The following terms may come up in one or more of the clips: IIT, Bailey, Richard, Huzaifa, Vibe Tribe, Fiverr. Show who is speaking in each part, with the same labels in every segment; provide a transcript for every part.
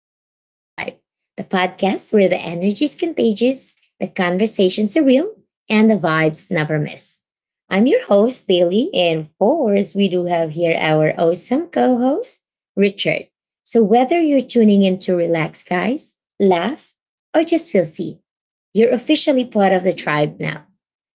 Speaker 1: to the Vibe Tribe, the podcast where the energy is contagious, the conversations are real, and the vibes never miss. I'm your host, Bailey, and of course, we do have here our awesome co host, Richard. So, whether you're tuning in to relax, guys, laugh, or just feel seen, you're officially part of the tribe now.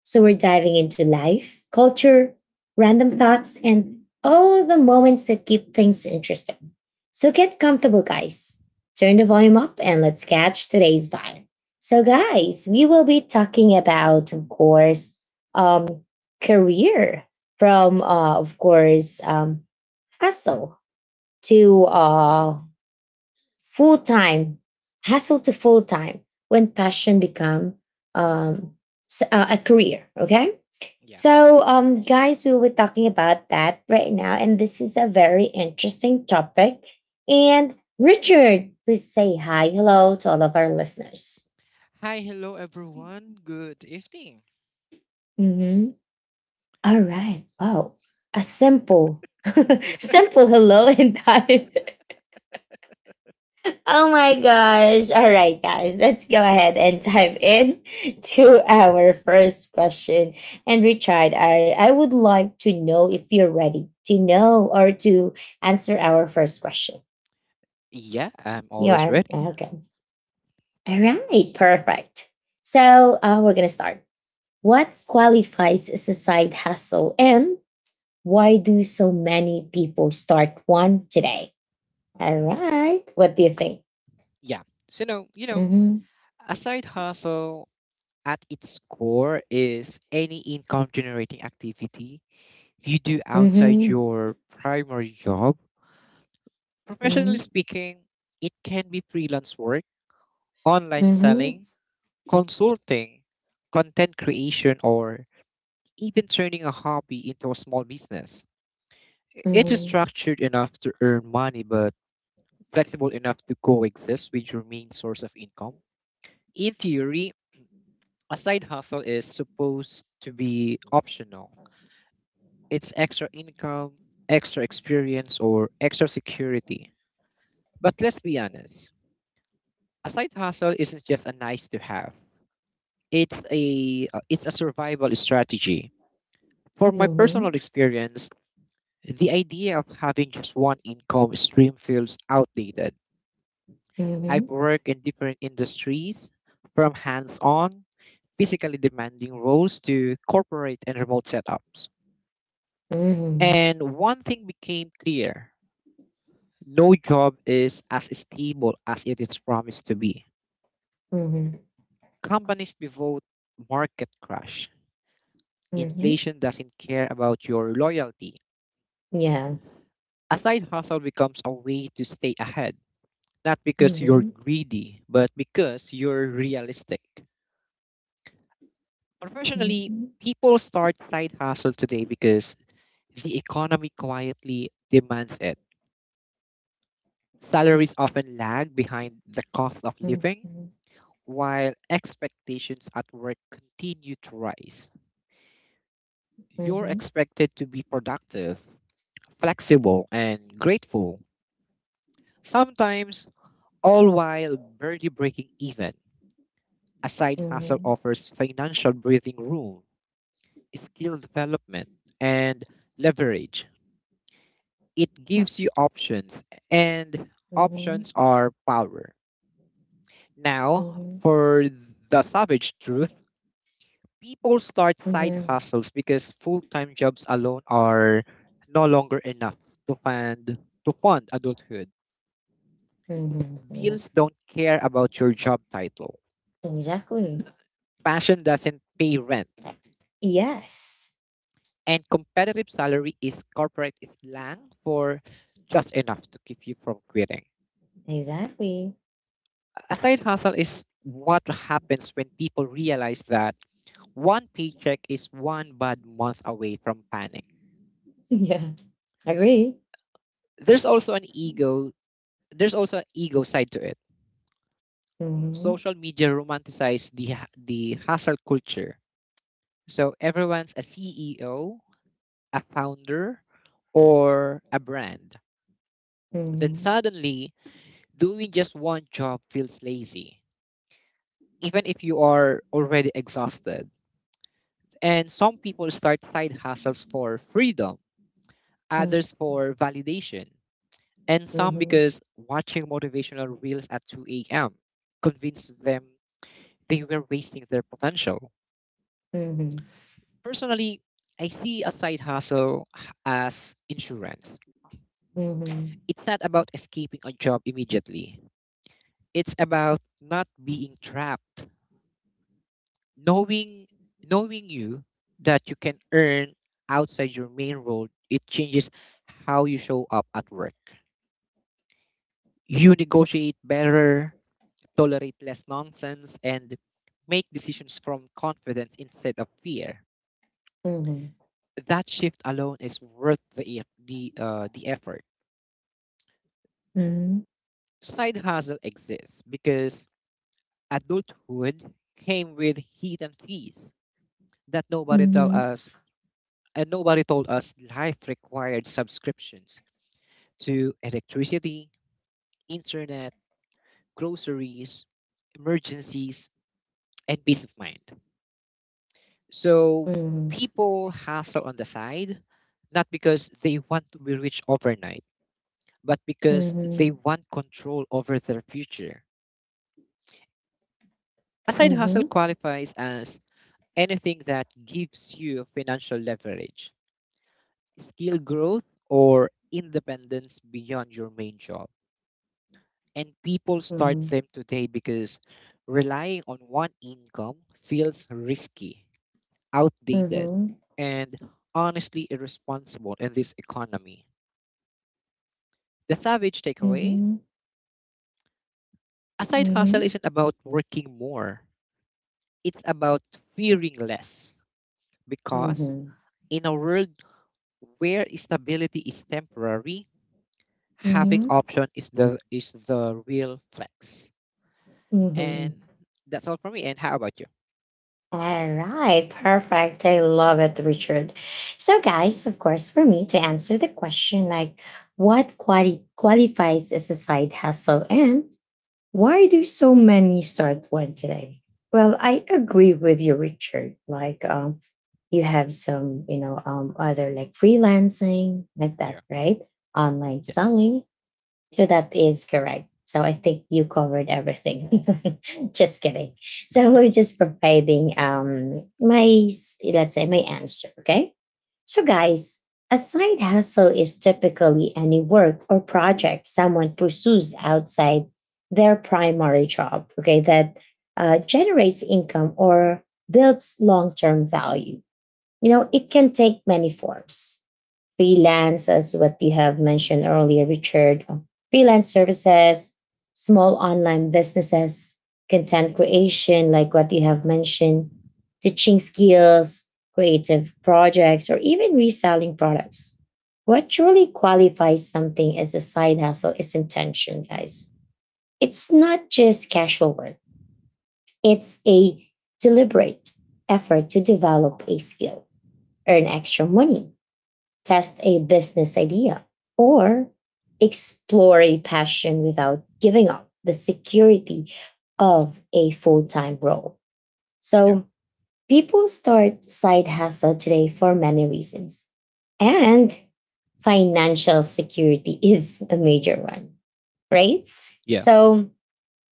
Speaker 1: So, we're diving into life, culture, random thoughts, and all the moments that keep things interesting. So get comfortable, guys. Turn the volume up and let's catch today's vibe. So, guys, we will be talking about, of course, um, career from, of course, hustle to full time, hustle to full time, when
Speaker 2: Mhm.
Speaker 1: passion become um, a career. Okay,
Speaker 2: Yeah.
Speaker 1: so, guys, we were talking about that right now, and this is a very interesting topic. And Richard, please say hi, hello to all of our listeners.
Speaker 2: Hi, hello everyone. Good evening.
Speaker 1: Mm-hmm. All right. Wow. A simple,
Speaker 2: Yeah.
Speaker 1: simple hello and hi. Oh my gosh. All right, guys, let's go ahead and dive in to our first question. And Richard, I would like to know if you're ready to know or to answer our first question.
Speaker 2: Yeah, I'm
Speaker 1: You
Speaker 2: always
Speaker 1: are?
Speaker 2: ready.
Speaker 1: Okay. All
Speaker 2: Mm.
Speaker 1: right. Perfect. So we're going to start. What qualifies as a side hustle and why do so many people start one today? All right. What do you
Speaker 2: Y-
Speaker 1: think?
Speaker 2: Yeah. So no,
Speaker 1: Mm-hmm.
Speaker 2: a side hustle at its core is any income generating activity you do outside
Speaker 1: Mm-hmm.
Speaker 2: your primary job. Professionally
Speaker 1: Mm-hmm.
Speaker 2: speaking, it can be freelance work, online
Speaker 1: Mm-hmm.
Speaker 2: selling, consulting, content creation, or even turning a hobby into a small business. It's structured enough to earn money, but flexible enough to coexist with your main source of income. In theory, a side hustle is supposed to be optional. It's extra income, extra experience, or extra security. But let's be honest, a side hustle isn't just a nice to have. It's a survival strategy. For my personal
Speaker 1: Mm-hmm.
Speaker 2: experience, the idea of having just one income stream feels outdated. I've
Speaker 1: Mm-hmm.
Speaker 2: worked in different industries, from hands on, physically demanding roles to corporate and remote setups.
Speaker 1: Mm-hmm.
Speaker 2: And one thing became clear, no job is as stable as it is promised to be.
Speaker 1: Mm-hmm. Mm-hmm.
Speaker 2: Companies pivot, market crash.
Speaker 1: Mm-hmm.
Speaker 2: Inflation doesn't care about your loyalty.
Speaker 1: Yeah.
Speaker 2: A side hustle becomes a way to stay ahead, not because you're
Speaker 1: Mm-hmm.
Speaker 2: greedy, but because you're realistic. Professionally,
Speaker 1: Mm-hmm.
Speaker 2: people start side hustle today because the economy quietly demands it. Salaries often lag behind the cost of living,
Speaker 1: Mm-hmm.
Speaker 2: while expectations at work continue to rise. You're
Speaker 1: Mm-hmm.
Speaker 2: expected to be productive, flexible, and grateful, sometimes all while barely breaking even. A side hustle
Speaker 1: Mm-hmm.
Speaker 2: offers financial breathing room, skill development, and leverage. It gives you options, and options are power. Now,
Speaker 1: Mm-hmm.
Speaker 2: for the savage truth, people start side
Speaker 1: Mm-hmm.
Speaker 2: hustles because full-time jobs alone are no longer enough to fund to fund adulthood.
Speaker 1: Mm-hmm.
Speaker 2: Bills don't care about your job title.
Speaker 1: Exactly.
Speaker 2: Passion doesn't pay rent.
Speaker 1: Yes.
Speaker 2: And competitive salary is corporate slang for just enough to keep you from quitting.
Speaker 1: Exactly.
Speaker 2: A side hustle is what happens when people realize that one paycheck is one bad month away from panic.
Speaker 1: Yeah. Agree.
Speaker 2: There's also an ego. There's also an ego side to it.
Speaker 1: Mm-hmm.
Speaker 2: Social media romanticizes the hustle culture. So everyone's a CEO, a founder, or a brand. Then
Speaker 1: Mm-hmm.
Speaker 2: suddenly, doing just one job feels lazy, even if you are already exhausted. And some people start side hustles for freedom, others for validation, and some
Speaker 1: Mm-hmm.
Speaker 2: because watching motivational reels at 2 a.m. convinced them they were wasting their potential.
Speaker 1: Mm-hmm.
Speaker 2: Personally, I see a side hustle as insurance.
Speaker 1: Mm-hmm.
Speaker 2: It's not about escaping a job immediately. It's about not being trapped, knowing knowing you that you can earn outside your main role. It changes how you show up at work. You negotiate better, tolerate less nonsense, and make decisions from confidence instead of fear.
Speaker 1: Mm-hmm.
Speaker 2: That shift alone is worth the effort. Side hustle exists because adulthood came with heat and fees that nobody told
Speaker 1: Mm-hmm.
Speaker 2: us, and nobody told us life required subscriptions to electricity, internet, groceries, emergencies, and peace of mind. So
Speaker 1: Mm-hmm.
Speaker 2: people hustle on the side, not because they want to be rich overnight, but because they
Speaker 1: Mm-hmm.
Speaker 2: want control over their future. A side
Speaker 1: Mm-hmm.
Speaker 2: hustle
Speaker 1: Mm-hmm.
Speaker 2: qualifies as anything that gives you financial leverage, skill growth, or independence beyond your main job. And people
Speaker 1: Mm-hmm.
Speaker 2: start
Speaker 1: Mm-hmm.
Speaker 2: them today because relying on one income feels risky, outdated, and honestly irresponsible in this economy. The savage takeaway, a side hustle
Speaker 1: Mm-hmm.
Speaker 2: isn't about working more, it's about fearing less. Because
Speaker 1: Mm-hmm.
Speaker 2: in a world where stability is temporary, having
Speaker 1: Mm-hmm.
Speaker 2: option is the real flex.
Speaker 1: Mm-hmm.
Speaker 2: And that's all for me. And how about you?
Speaker 1: All right, perfect. I love it, Richard. So, guys, of course, for me to answer the question like, what qualifies as a side hustle and why do so many start one today? Well, I agree with you, Richard. Like, you have some, you know, other like freelancing, like that,
Speaker 2: Yeah.
Speaker 1: right? Online
Speaker 2: Yes.
Speaker 1: selling, so that is correct. So I think you covered everything. Just kidding. So we're just providing my let's say my answer, okay? So guys, a side hustle is typically any work or project someone pursues outside their primary job, okay, that generates income or builds long-term value. You know, it can take many forms freelance, as what you have mentioned earlier, Richard, freelance services, small online businesses, content creation, like what you have mentioned, teaching skills, creative projects, or even reselling products. What truly qualifies something as a side hustle is intention, guys. It's not just casual work, it's a deliberate effort to develop a skill, earn extra money, test a business idea, or explore a passion without giving up the security
Speaker 2: Mhm.
Speaker 1: of a full time role.
Speaker 2: Yeah.
Speaker 1: So people start side hustle today for many reasons. And financial security is a major one, right?
Speaker 2: Yeah.
Speaker 1: So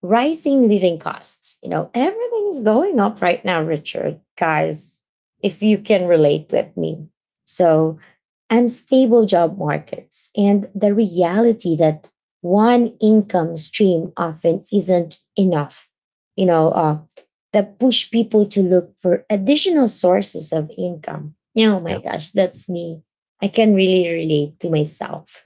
Speaker 1: rising living costs. You know, everything is going up right now, Richard, guys, if you can relate with me.
Speaker 2: Hmm.
Speaker 1: So, unstable job markets and the reality that one income stream often isn't enough, you know, that push people to look for additional sources of income. Oh my
Speaker 2: Yeah.
Speaker 1: gosh, that's me. I can really relate to myself.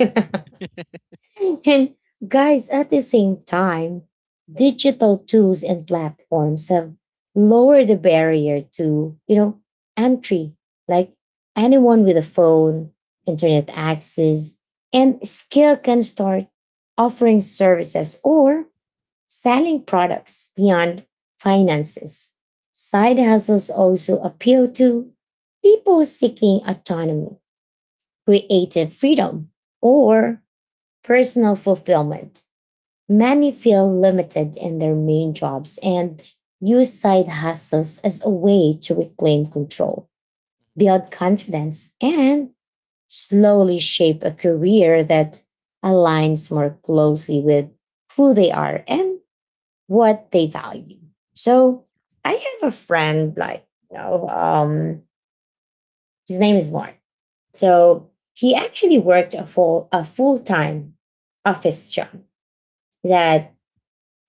Speaker 1: And guys, at the same time, digital tools and platforms have lowered the barrier to, you know, entry. Like anyone with a phone, internet access, and skill can start offering services or selling products beyond finances. Side hustles also appeal to people seeking autonomy, creative freedom, or personal fulfillment. Many feel limited in their main jobs and use side hustles as a way to reclaim control, build confidence, and slowly shape a career that aligns more closely with who they are and what they value. So I have a friend, like, you know, his name is Mark. So he actually worked a full time office job that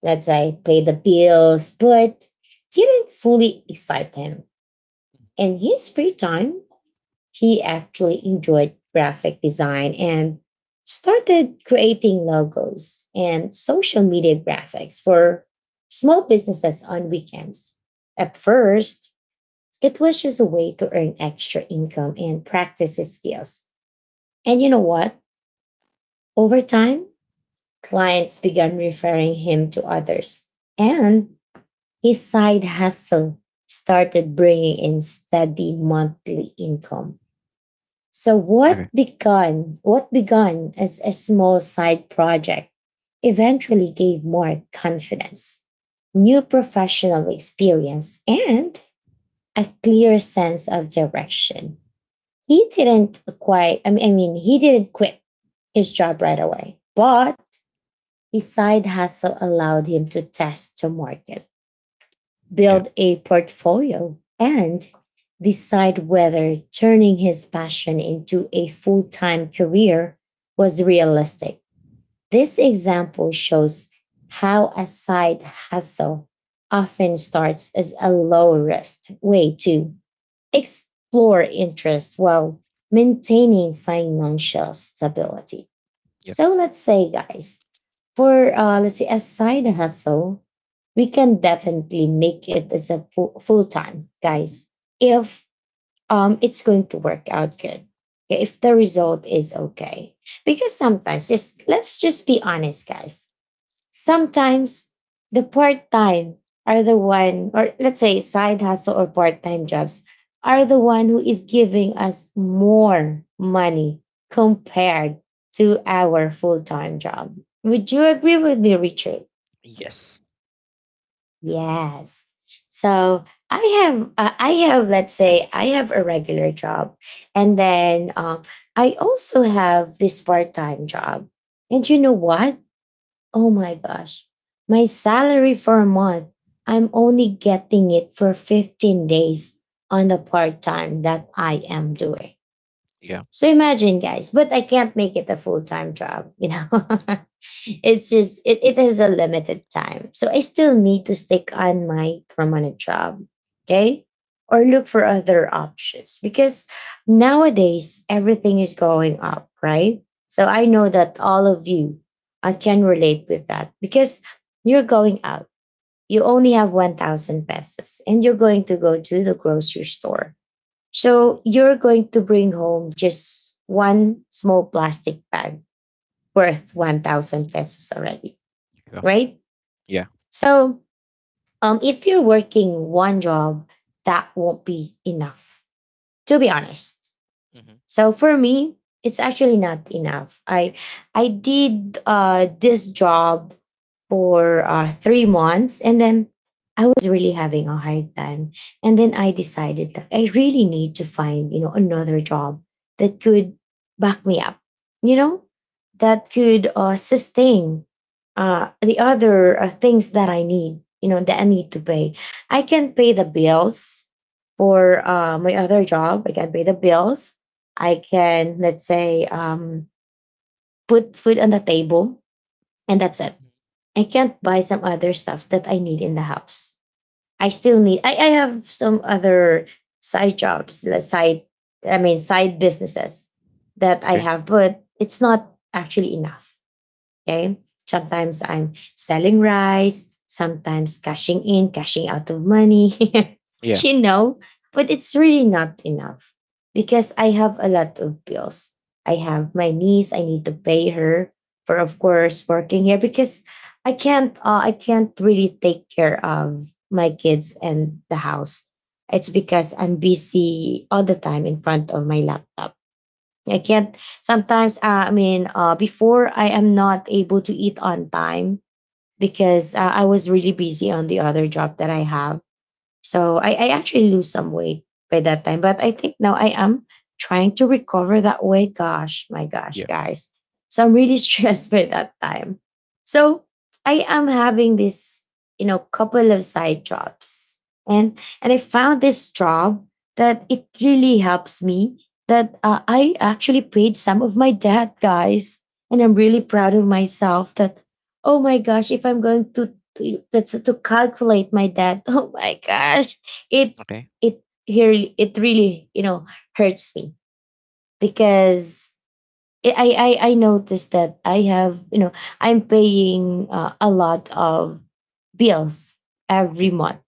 Speaker 1: that I pay the bills, but didn't fully excite him.
Speaker 2: Hmm.
Speaker 1: In his free time, he actually enjoyed graphic design and started creating logos and social media graphics for small businesses on weekends. At first, it was just a way to earn extra income and practice his skills. And you know what? Over time, clients began referring him to others, and his side hustle started bringing in steady monthly income. So
Speaker 2: Okay.
Speaker 1: what began as a small side project eventually gave Mark confidence, new professional experience, and a clear sense of direction. He didn't quite, I mean, He didn't quit his
Speaker 2: Hmm.
Speaker 1: job right away, but his side hustle allowed him to test the market,
Speaker 2: Yeah.
Speaker 1: build a portfolio, and decide whether turning his passion into a full time career was realistic. This example shows how a side hustle often starts as a low risk way to explore interests while maintaining financial stability.
Speaker 2: Yeah.
Speaker 1: So let's say, guys, for let's say a side hustle, we can definitely make it as a full time, guys. If it's going to work out good, okay, if the result is okay, because sometimes just let's just be honest, guys, sometimes the part time are the one, or let's say side hustle or part time jobs, are the one who is giving us more money compared to our full time job. Would you agree with me, Richard?
Speaker 2: Yes.
Speaker 1: Yes. So I have, let's say, I have a regular job, and then I also have this part time job. And you know
Speaker 2: Hmm.
Speaker 1: what? Oh my gosh. My salary for a month, I'm only getting it for 15 days on the part time that I am doing.
Speaker 2: Yeah.
Speaker 1: So imagine, guys, but I can't make it a full time job, you know? It's just, it has a limited time. So I still need to stick on my permanent job, okay? Or look for other options because nowadays everything is going up, right? So I know that all of you can relate with that because you're going out. You only have 1,000 pesos and you're going to go to the grocery store so you're going to bring home just one small plastic bag worth 1,000 pesos already,
Speaker 2: Yeah.
Speaker 1: right?
Speaker 2: Yeah.
Speaker 1: So if you're working one job, that won't be enough, to be honest.
Speaker 2: Mm-hmm.
Speaker 1: So for me, it's actually not enough. I did this job for 3 months, and then I was really having a hard time. And then I decided that I really need to find, you know, another job that could back me up. You know, that could sustain the other things that I need. You know, that I need to pay. I can pay the bills for my other job. I can pay the bills, I can, let's say, put food on the table, and that's it. I can't buy some other stuff that I need in the house. I still need. I have some other side jobs, the side, I mean, side businesses that I
Speaker 2: Okay.
Speaker 1: have, but it's not actually enough. Okay. Sometimes I'm selling rice, sometimes cashing out of money,
Speaker 2: Yeah.
Speaker 1: you know, but it's really not enough because I have a lot of bills. I have my niece, I need to pay her for, of course, working here because I can't really take care of my kids and the house. It's
Speaker 2: Hmm.
Speaker 1: because I'm busy all the time in front of my laptop. I can't sometimes before I am not able to eat on time because I was really busy on the other job that I have, so I actually lose some weight by that time. But I think now I am trying to recover that weight. Gosh, my gosh,
Speaker 2: Yeah.
Speaker 1: guys. So I'm really stressed by that time. So I am having this, you know, couple of side jobs. And I
Speaker 2: Hmm.
Speaker 1: found this job that it really helps me that I actually paid some of my debt, guys. And I'm really proud of myself that, oh my gosh, if I'm going to that's to calculate my debt. Oh my gosh, it
Speaker 2: Okay.
Speaker 1: it really, you know, hurts me because I I noticed that I have, you know, I'm paying a lot of bills every
Speaker 2: Okay.
Speaker 1: month.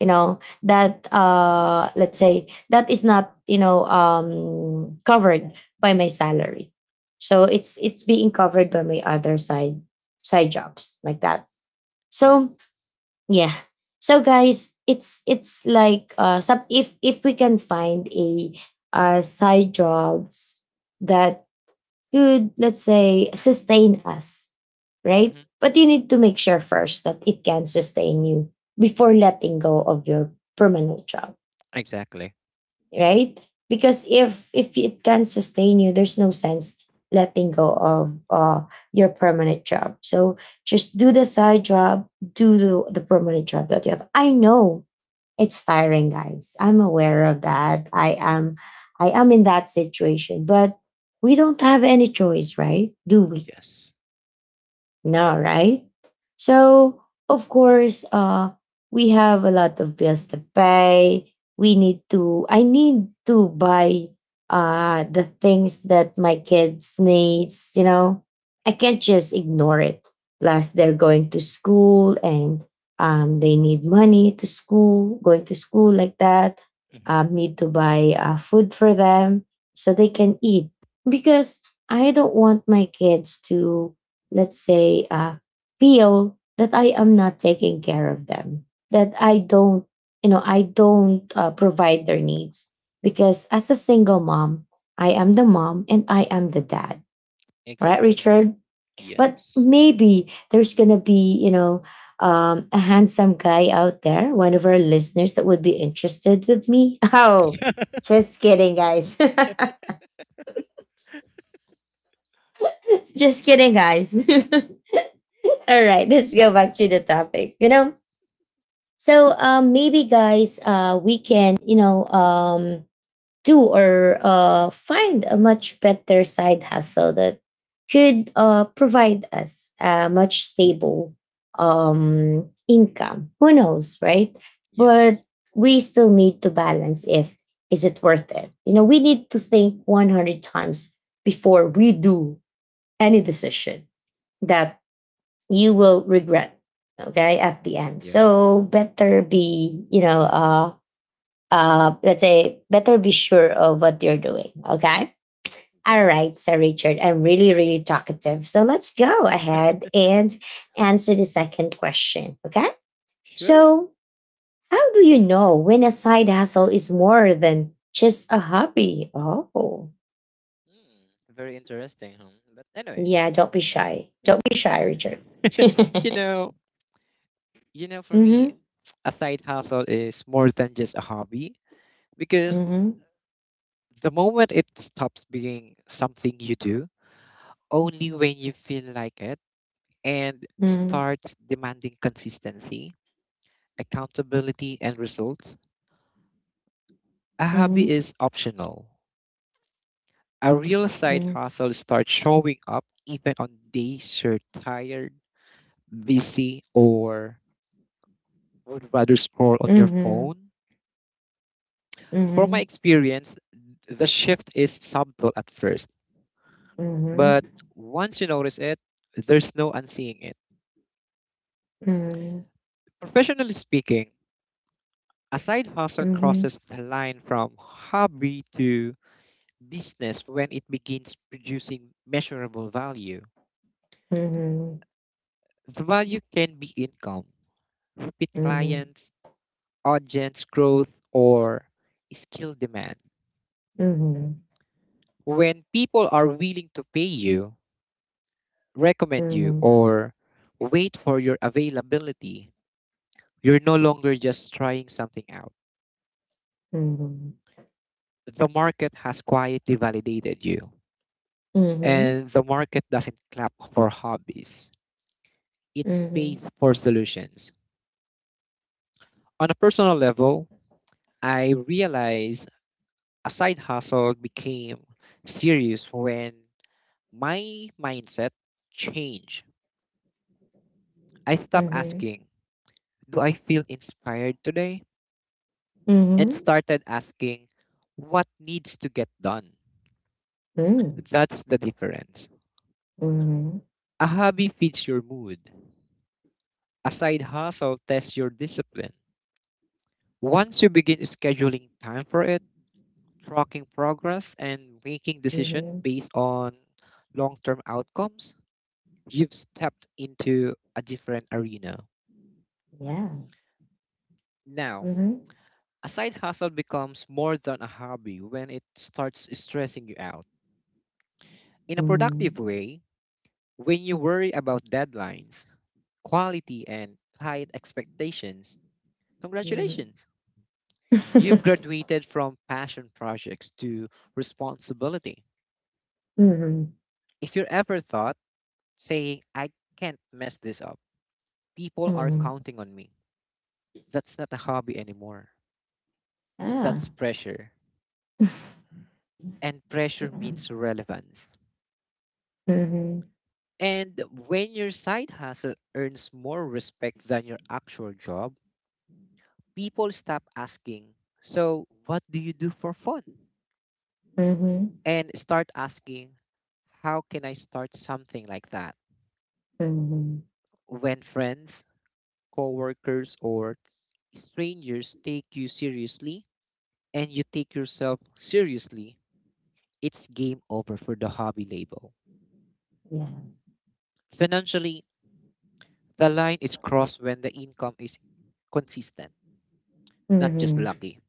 Speaker 1: You know that uh, let's say that is not, you know, um, covered by my salary, so it's being covered by my other side jobs like that.
Speaker 2: Wow.
Speaker 1: So yeah, so guys, it's like uh, some, if we can find a uh, side jobs that could, let's say, sustain us, right?
Speaker 2: Hmm.
Speaker 1: But you need to make sure first that it can sustain you before letting go of your permanent job,
Speaker 2: Exactly.
Speaker 1: right? Because if it can sustain you, there's no sense letting go of your permanent job. So just do the side job, do the permanent job that you have. I know it's tiring, guys. I'm aware of that. I am in that situation, but we don't have any choice, right? Do we?
Speaker 2: Yes.
Speaker 1: No, right? So, of course, we have a lot of bills to pay. I need to buy the things that my kids needs, you know. I can't just ignore it. Plus, they're going to school and they need money to school, going to school like that.
Speaker 2: Hmm.
Speaker 1: Need to buy food for them so they can eat. Because I don't want my kids to let's say, uh, feel that I am not taking care of them, that I don't provide their needs. Because as a single mom, I am the mom and I am the dad, right,
Speaker 2: Exactly.
Speaker 1: Richard? But
Speaker 2: Yes.
Speaker 1: maybe there's going to be, a handsome guy out there, one of our listeners that would be interested with me. Oh, just kidding, guys. Just kidding, guys. All right, let's go back to the topic. You know, So, maybe guys, we can do or find a much better side hustle that could provide us a much stable income. Who knows, right? But
Speaker 2: Yes.
Speaker 1: we still need to balance if is it worth it. You know, we need to think 100 times before we do any decision that you will regret, okay, at the end.
Speaker 2: Yeah.
Speaker 1: So better be you know let's say better be sure of what you're doing, okay? All right,
Speaker 2: Yes.
Speaker 1: sir Richard, I'm really really talkative, so let's go ahead and answer the second question, okay?
Speaker 2: Sure.
Speaker 1: So how do you know when a side hustle is more than just a hobby? Oh,
Speaker 2: Mm. Very interesting, huh? But anyway,
Speaker 1: yeah, don't be shy,
Speaker 2: y-
Speaker 1: Richard.
Speaker 2: you know, for me,
Speaker 1: Mm-hmm,
Speaker 2: a side hustle is more than just a hobby because
Speaker 1: mm-hmm,
Speaker 2: the moment it stops being something you do only when you feel like it, and
Speaker 1: mm-hmm,
Speaker 2: starts demanding consistency, accountability, and results. A hobby
Speaker 1: mm-hmm.
Speaker 2: is optional. A real side hustle starts showing up even on days you're tired, busy, or would rather scroll on your
Speaker 1: Mhm,
Speaker 2: phone. From my
Speaker 1: mhm,
Speaker 2: experience, the shift is subtle at first,
Speaker 1: mhm, mhm,
Speaker 2: but once you notice it, there's no unseeing it.
Speaker 1: mhm,
Speaker 2: Professionally speaking, a side hustle
Speaker 1: mhm,
Speaker 2: crosses the line from hobby to business when it begins producing measurable value.
Speaker 1: mhm,
Speaker 2: The value can be income, repeat
Speaker 1: mhm,
Speaker 2: clients, audience growth, or skill demand.
Speaker 1: mhm,
Speaker 2: When people are willing to pay you, recommend you,
Speaker 1: mhm,
Speaker 2: or wait for your availability, you're no longer just trying something out.
Speaker 1: mhm, mhm,
Speaker 2: The market has quietly validated you,
Speaker 1: mhm,
Speaker 2: and the market doesn't clap for hobbies, it pays for solutions. On a personal level, I realized a side hustle became serious when my mindset changed. I stopped
Speaker 1: mhm,
Speaker 2: asking, "Do I feel inspired today?" and started asking, "What needs to get done?"
Speaker 1: mm,
Speaker 2: That's the difference.
Speaker 1: mhm,
Speaker 2: A hobby feeds your mood, a side hustle tests your discipline. Once you begin scheduling time for it, tracking progress, and making decisions
Speaker 1: mhm,
Speaker 2: based on long term outcomes, you've stepped into a different arena.
Speaker 1: yeah,
Speaker 2: Now,
Speaker 1: mhm,
Speaker 2: a side hustle becomes more than a hobby when it starts stressing you out, in a
Speaker 1: mhm,
Speaker 2: productive way. When you worry about deadlines, quality, and client expectations,
Speaker 1: mhm,
Speaker 2: congratulations!
Speaker 1: mhm, mhm,
Speaker 2: You've
Speaker 1: yeah,
Speaker 2: graduated from passion projects to responsibility. If you ever thought, saying, "I can't mess this up, people are counting on me," that's not a hobby anymore. That's pressure. And pressure
Speaker 1: yeah,
Speaker 2: means relevance.
Speaker 1: mhm,
Speaker 2: And when your side hustle earns more respect than your actual job, people stop asking, "So, what do you do for fun?" and start asking, "How can I start something like that?"
Speaker 1: mhm, mhm,
Speaker 2: When friends, coworkers, or strangers take you seriously, and you take yourself seriously, it's game over for the hobby label.
Speaker 1: yeah,
Speaker 2: Financially, the line is crossed when the income is consistent, not just
Speaker 1: mhm,
Speaker 2: lucky.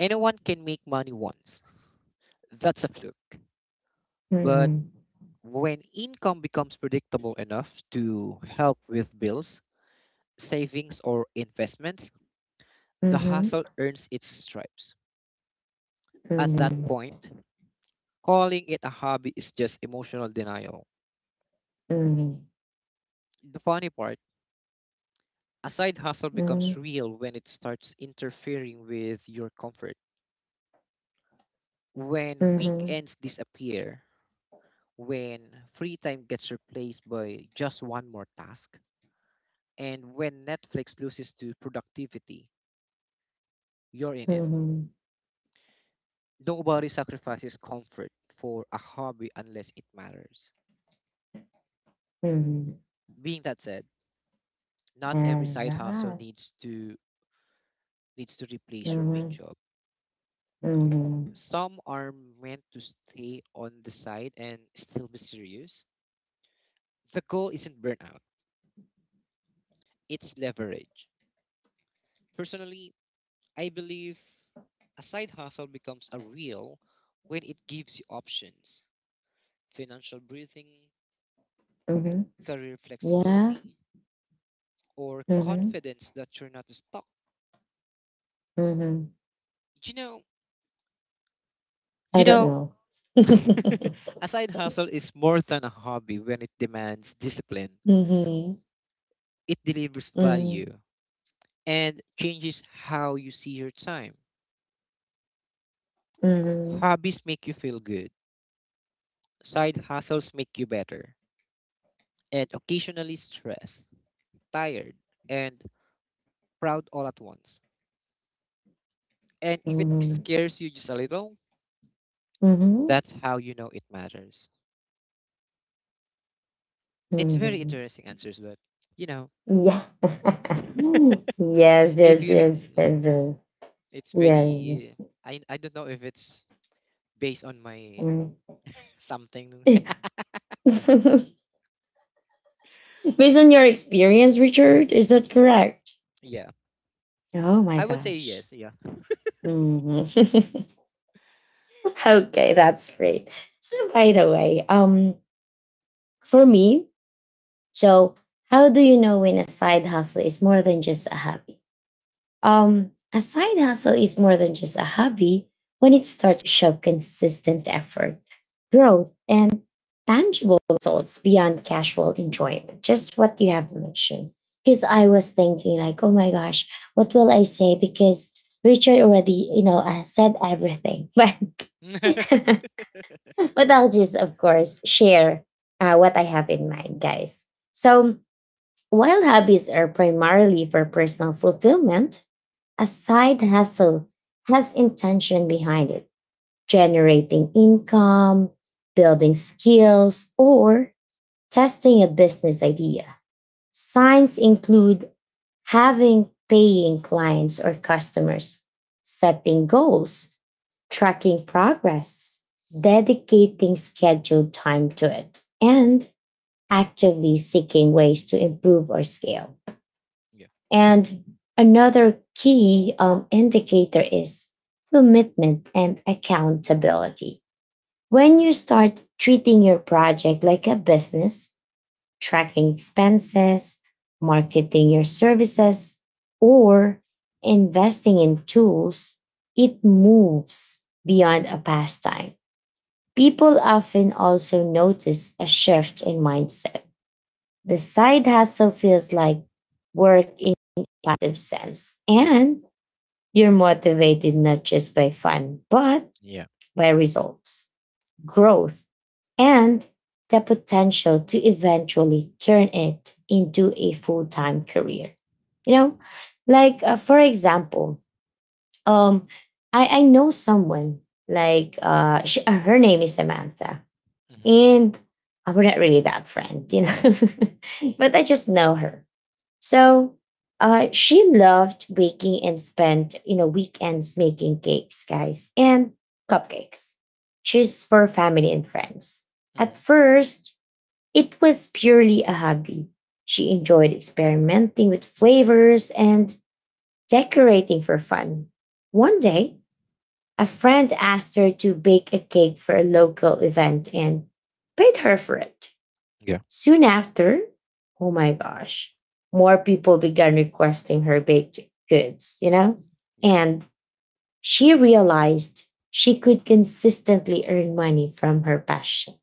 Speaker 2: Anyone can make money once. That's a fluke. But when income becomes predictable enough to help with bills, savings, or investments, the
Speaker 1: mhm,
Speaker 2: hustle earns its stripes. At that
Speaker 1: mhm,
Speaker 2: point, calling it a hobby is just emotional denial.
Speaker 1: mhm, mhm,
Speaker 2: The funny part, a side hustle
Speaker 1: mhm,
Speaker 2: becomes real when it starts interfering with your comfort. When
Speaker 1: mhm.
Speaker 2: weekends disappear, when free time gets replaced by just one more task, and when Netflix loses to productivity, you're in it.
Speaker 1: Mhm.
Speaker 2: Nobody sacrifices comfort for a hobby unless it matters.
Speaker 1: Mhm.
Speaker 2: Being that said, not every side hustle
Speaker 1: Evet.
Speaker 2: needs to
Speaker 1: Hı
Speaker 2: replace your main
Speaker 1: hı.
Speaker 2: job.
Speaker 1: Hı hı.
Speaker 2: Some are meant to stay on the side and still be serious. The goal isn't burnout, it's leverage. Personally, I believe a side hustle becomes a real when it gives you options, financial breathing,
Speaker 1: Hı hı.
Speaker 2: career
Speaker 1: Yeah.
Speaker 2: flexibility, or
Speaker 1: Hı hı.
Speaker 2: confidence that you're not stuck.
Speaker 1: Hı hı.
Speaker 2: You know,
Speaker 1: I
Speaker 2: You
Speaker 1: don't
Speaker 2: know,
Speaker 1: know.
Speaker 2: a side hustle is more than a hobby when it demands discipline.
Speaker 1: Hı hı.
Speaker 2: It delivers
Speaker 1: Hı.
Speaker 2: value and changes how you see your time.
Speaker 1: Hı hı.
Speaker 2: Hobbies make you feel good, side hustles make you better, and occasionally stressed, tired, and proud all at once. And
Speaker 1: Hı
Speaker 2: if it
Speaker 1: hı.
Speaker 2: scares you just a little,
Speaker 1: Hı hı.
Speaker 2: that's how you know it matters. It's very
Speaker 1: Hı.
Speaker 2: interesting answers, but you know,
Speaker 1: Yeah. Yes, yes,
Speaker 2: if
Speaker 1: yes,
Speaker 2: you
Speaker 1: yes, yes.
Speaker 2: It's very
Speaker 1: Yes.
Speaker 2: I don't know if it's based on my
Speaker 1: Mm.
Speaker 2: something.
Speaker 1: Based on your experience, Richard, is that correct?
Speaker 2: Yeah.
Speaker 1: Oh my
Speaker 2: I would say
Speaker 1: gosh.
Speaker 2: yes, yeah.
Speaker 1: Mhm. Okay, that's great. So by the way, for me, so how do you know when a side hustle is more than just a hobby? A side hustle is more than just a hobby when it starts to show consistent effort, growth, and tangible results beyond casual enjoyment. Just what you have mentioned. Because I was thinking like, oh my gosh, what will I say? Because Richard already, you know, said everything. But
Speaker 2: Yeah.
Speaker 1: but I'll just, of course, share what I have in mind, guys. So, while hobbies are primarily for personal fulfillment, a side hustle has intention behind it, generating income, building skills, or testing a business idea. Signs include having paying clients or customers, setting goals, tracking progress, dedicating scheduled time to it, and actively seeking ways to improve or scale. And another key indicator is commitment and accountability. When you start treating your project like a business, tracking expenses,
Speaker 2: Hmm.
Speaker 1: marketing your services, or investing in tools, it moves beyond a pastime. People often also notice a shift in mindset. The side hustle feels like work in a positive sense, and you're motivated not just by fun, but
Speaker 2: Yeah.
Speaker 1: by results, growth, and the potential to eventually turn it into a full time career. You know, like for example, um, I know someone like her name is Samantha,
Speaker 2: Mm-hmm.
Speaker 1: and we're not really that friend, you know. But I just know her. So she loved baking and spent, you know, weekends making cakes, guys, and cupcakes. She's for family and friends. At
Speaker 2: Hmm.
Speaker 1: first, it was purely a hobby. She enjoyed experimenting with flavors and decorating for fun. One day, a friend asked her to bake a cake for a local event and paid her for it.
Speaker 2: Yeah.
Speaker 1: Soon after, oh my gosh, more people began requesting her baked goods, you know?
Speaker 2: Yeah.
Speaker 1: And she realized she could consistently earn money from her passion.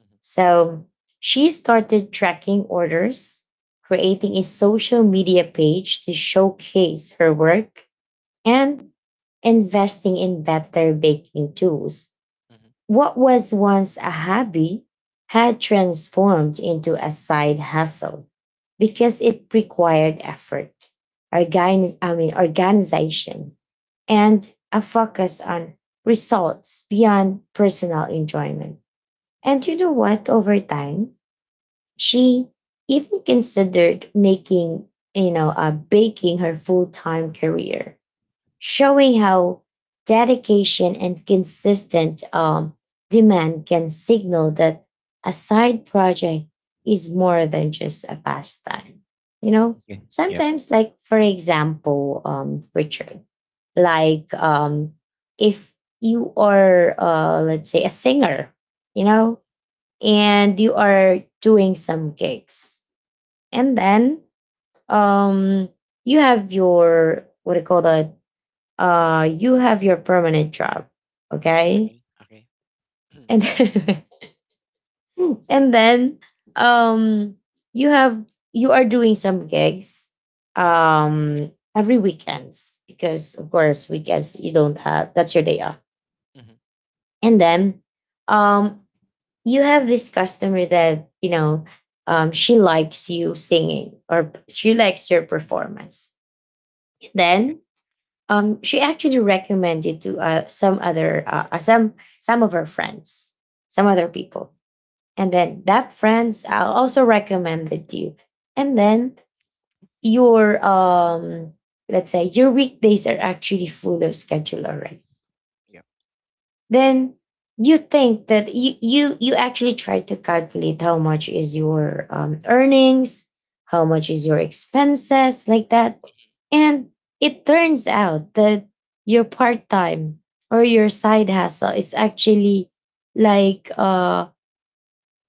Speaker 2: Hmm.
Speaker 1: So she started tracking orders, creating a social media page to showcase her work, and investing in better baking tools.
Speaker 2: Hmm.
Speaker 1: What was once a hobby had transformed into a side hustle because it required effort, organization, and a focus on results beyond personal enjoyment. And you know what? Over time, she even considered making, you know, baking her full time career, showing how dedication and consistent demand can signal that a side project is more than just a pastime. You know,
Speaker 2: Okay. Yeah.
Speaker 1: sometimes, like for example, Richard, like if you are, let's say, a singer, you know, and you are doing some gigs, and then um, you have your what do you call that, you have your permanent job, okay?
Speaker 2: Okay. Okay. Hmm.
Speaker 1: and And then um you have you are doing some gigs, um every weekends, because of course weekends you don't have, that's your day off.
Speaker 2: Hmm.
Speaker 1: And then um you have this customer that, you know, she likes you singing or she likes your performance,
Speaker 2: Okay.
Speaker 1: then she actually recommended to some of her friends, some other people, and then that friends also recommended you, and then your let's say your weekdays are actually full of schedule already,
Speaker 2: Yeah.
Speaker 1: then you think that you actually try to calculate how much is your earnings, how much is your expenses like that, and it turns out that your part-time or your side hustle is actually like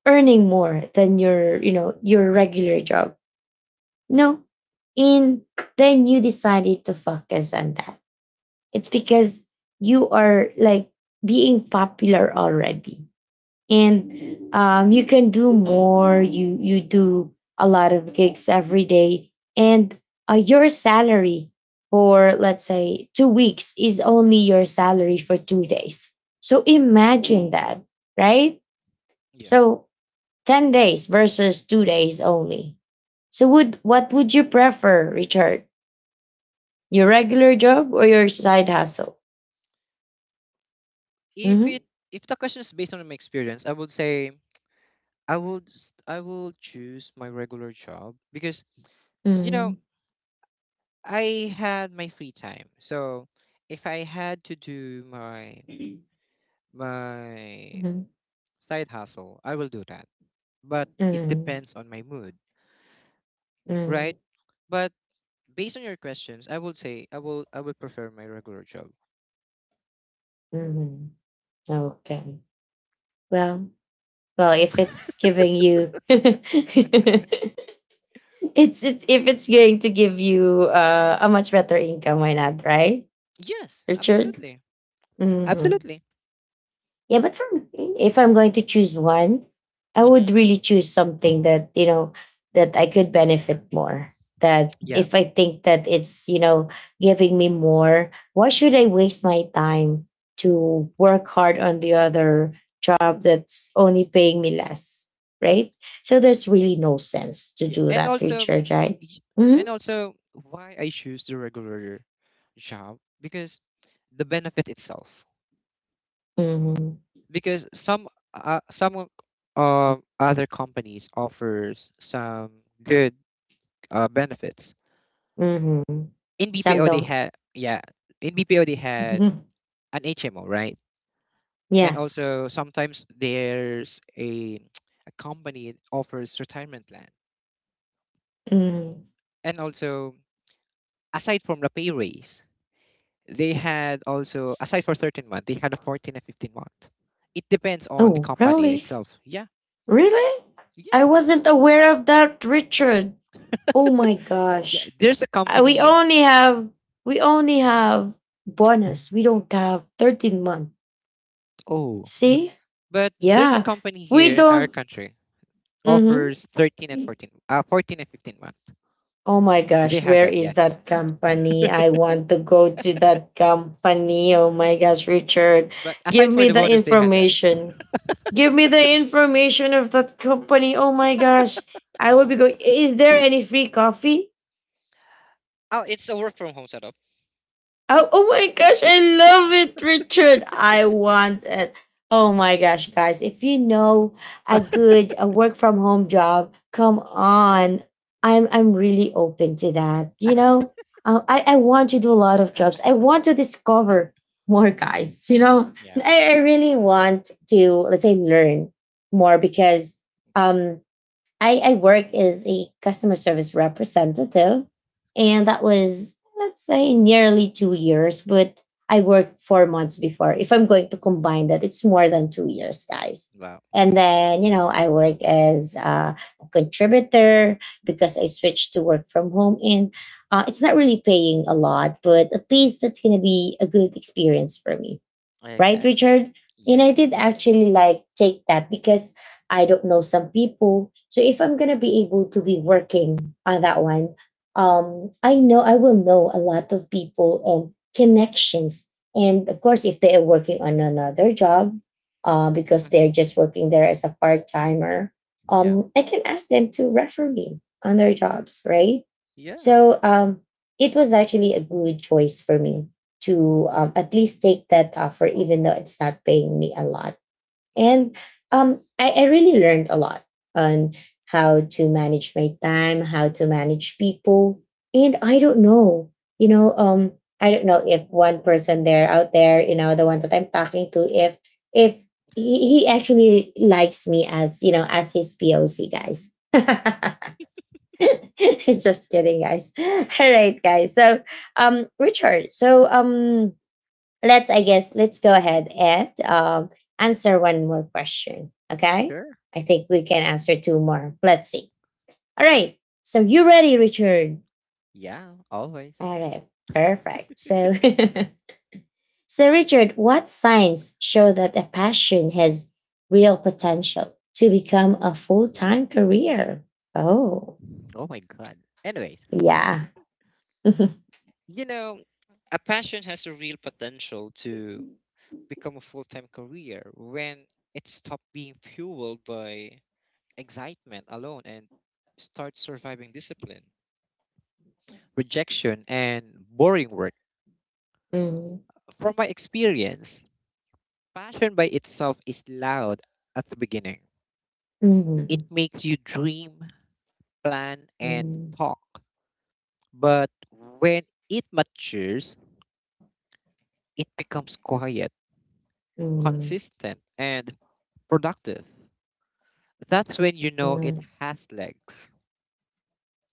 Speaker 1: earning more than your, you know, your regular job, no? And then you decided to focus on that. It's because you are like being popular already, and you can do more, you do a lot of gigs every day, and your salary for let's say 2 weeks is only your salary for 2 days, so imagine that, right?
Speaker 2: Yeah.
Speaker 1: So 10 days versus 2 days only, so would what would you prefer, Richard, your regular job or your side hustle?
Speaker 2: If
Speaker 1: Hmm.
Speaker 2: it if the question is based on my experience, I would say I will choose my regular job because you know
Speaker 1: Hmm.
Speaker 2: I had my free time. So if I had to do my
Speaker 1: Hmm.
Speaker 2: side hustle, I will do that. But it depends on my mood, right?
Speaker 1: Hmm.
Speaker 2: But based on your questions, I would say I would prefer my regular job.
Speaker 1: Hmm. Okay. Well, well, if it's giving you it's if it's going to give you a much better income, why not, right,
Speaker 2: Yes,
Speaker 1: Richard?
Speaker 2: absolutely,
Speaker 1: Hmm.
Speaker 2: absolutely.
Speaker 1: Yeah, but for me, if I'm going to choose one, I would
Speaker 2: Hmm.
Speaker 1: really choose something that, you know, that I could benefit more. That
Speaker 2: Yeah,
Speaker 1: if I think that it's, you know, giving me more, why should I waste my time to work hard on the other job that's only paying me less? Right? So there's really no sense to
Speaker 2: yeah,
Speaker 1: do that research, right?
Speaker 2: y-
Speaker 1: Hmm.
Speaker 2: and also, why I choose the regular job because the benefit itself.
Speaker 1: Hmm.
Speaker 2: Because some other companies offers some good benefits.
Speaker 1: Hmm.
Speaker 2: In
Speaker 1: Some
Speaker 2: BPO they
Speaker 1: don't.
Speaker 2: had yeah, in BPO they had an HMO, right? And
Speaker 1: Yeah.
Speaker 2: also sometimes there's a a company that offers retirement plan.
Speaker 1: Hmm.
Speaker 2: And also aside from the pay raise, they had also aside for 13-month, they had a 14 and 15 month. It depends on the
Speaker 1: Oh,
Speaker 2: company
Speaker 1: really?
Speaker 2: itself. Yeah.
Speaker 1: Really? I
Speaker 2: Yes.
Speaker 1: wasn't aware of that, Richard. Oh my
Speaker 2: Yeah,
Speaker 1: gosh.
Speaker 2: there's a
Speaker 1: Uh, we
Speaker 2: company.
Speaker 1: only have we only have bonus. We don't have 13 month.
Speaker 2: Oh.
Speaker 1: See?
Speaker 2: But there's a
Speaker 1: Yeah.
Speaker 2: company
Speaker 1: We
Speaker 2: here in our
Speaker 1: don't.
Speaker 2: country
Speaker 1: Mhm.
Speaker 2: offers 14 and 15 month.
Speaker 1: Oh my
Speaker 2: They
Speaker 1: gosh,
Speaker 2: had
Speaker 1: where
Speaker 2: that,
Speaker 1: is
Speaker 2: yes.
Speaker 1: that company? I want to go to that company. Oh my gosh, Richard,
Speaker 2: But
Speaker 1: give
Speaker 2: aside for
Speaker 1: me
Speaker 2: the
Speaker 1: the
Speaker 2: bonus, they had that.
Speaker 1: information. Give me the information of that company. Oh my gosh. I will be going. Is there any free coffee?
Speaker 2: Oh, it's a work from home setup.
Speaker 1: Oh, oh my gosh, I love it, Richard. I want it. Oh my gosh, guys, if you know a good a work from home job, come on. I'm really open to that. You know, I want to do a lot of jobs. I want to discover more, guys. You know,
Speaker 2: Yeah.
Speaker 1: I really want to let's say learn more because um I work as a customer service representative, and
Speaker 2: Hmm.
Speaker 1: that was, let's say, nearly 2 years, but I worked 4 months before. If I'm going to combine that, it's more than 2 years, guys.
Speaker 2: Wow.
Speaker 1: And then, you know, I work as a contributor because I switched to work from home. And it's not really paying a lot, but at least that's going to be a good experience for me, right,
Speaker 2: Exactly.
Speaker 1: Richard? And
Speaker 2: Yeah.
Speaker 1: I did actually like take that because I don't know some people. So if I'm gonna be able to be working on that one, I know I will know a lot of people and connections. And of course, if they are working on another job, because
Speaker 2: Hmm.
Speaker 1: they're just working there as a part timer,
Speaker 2: Yeah.
Speaker 1: I can ask them to refer me on their jobs, right?
Speaker 2: Yeah.
Speaker 1: So it was actually a good choice for me to at least take that offer, even though it's not paying me a lot.
Speaker 2: Yeah.
Speaker 1: And I really learned a lot on how to manage my time, how to manage people. And I don't know, you know, I don't know if one person there out there, the one that I'm talking to, if if he actually likes me as you know as his POC guys.
Speaker 2: Yeah.
Speaker 1: It's just kidding, guys. All right, guys. So, Richard. So, let's I guess let's go ahead and answer one more question. Okay,
Speaker 2: Sure.
Speaker 1: I think we can answer two more. Let's see. All right, so you ready, Richard?
Speaker 2: Yeah. Always.
Speaker 1: All right, perfect. So so, Richard, what signs show that a passion has real potential to become a full-time career? Oh,
Speaker 2: Oh my God. Anyways,
Speaker 1: yeah.
Speaker 2: you know, a passion has a real potential to become a full time career when it stopped being fueled by excitement alone and start surviving discipline, rejection, and boring work.
Speaker 1: Mm,
Speaker 2: From my experience, passion by itself is loud at the beginning. It
Speaker 1: mhm,
Speaker 2: makes you dream, plan, and
Speaker 1: mm,
Speaker 2: talk. But when it matures, it becomes quiet,
Speaker 1: mm,
Speaker 2: consistent, and productive. That's when you know it
Speaker 1: mm,
Speaker 2: has legs.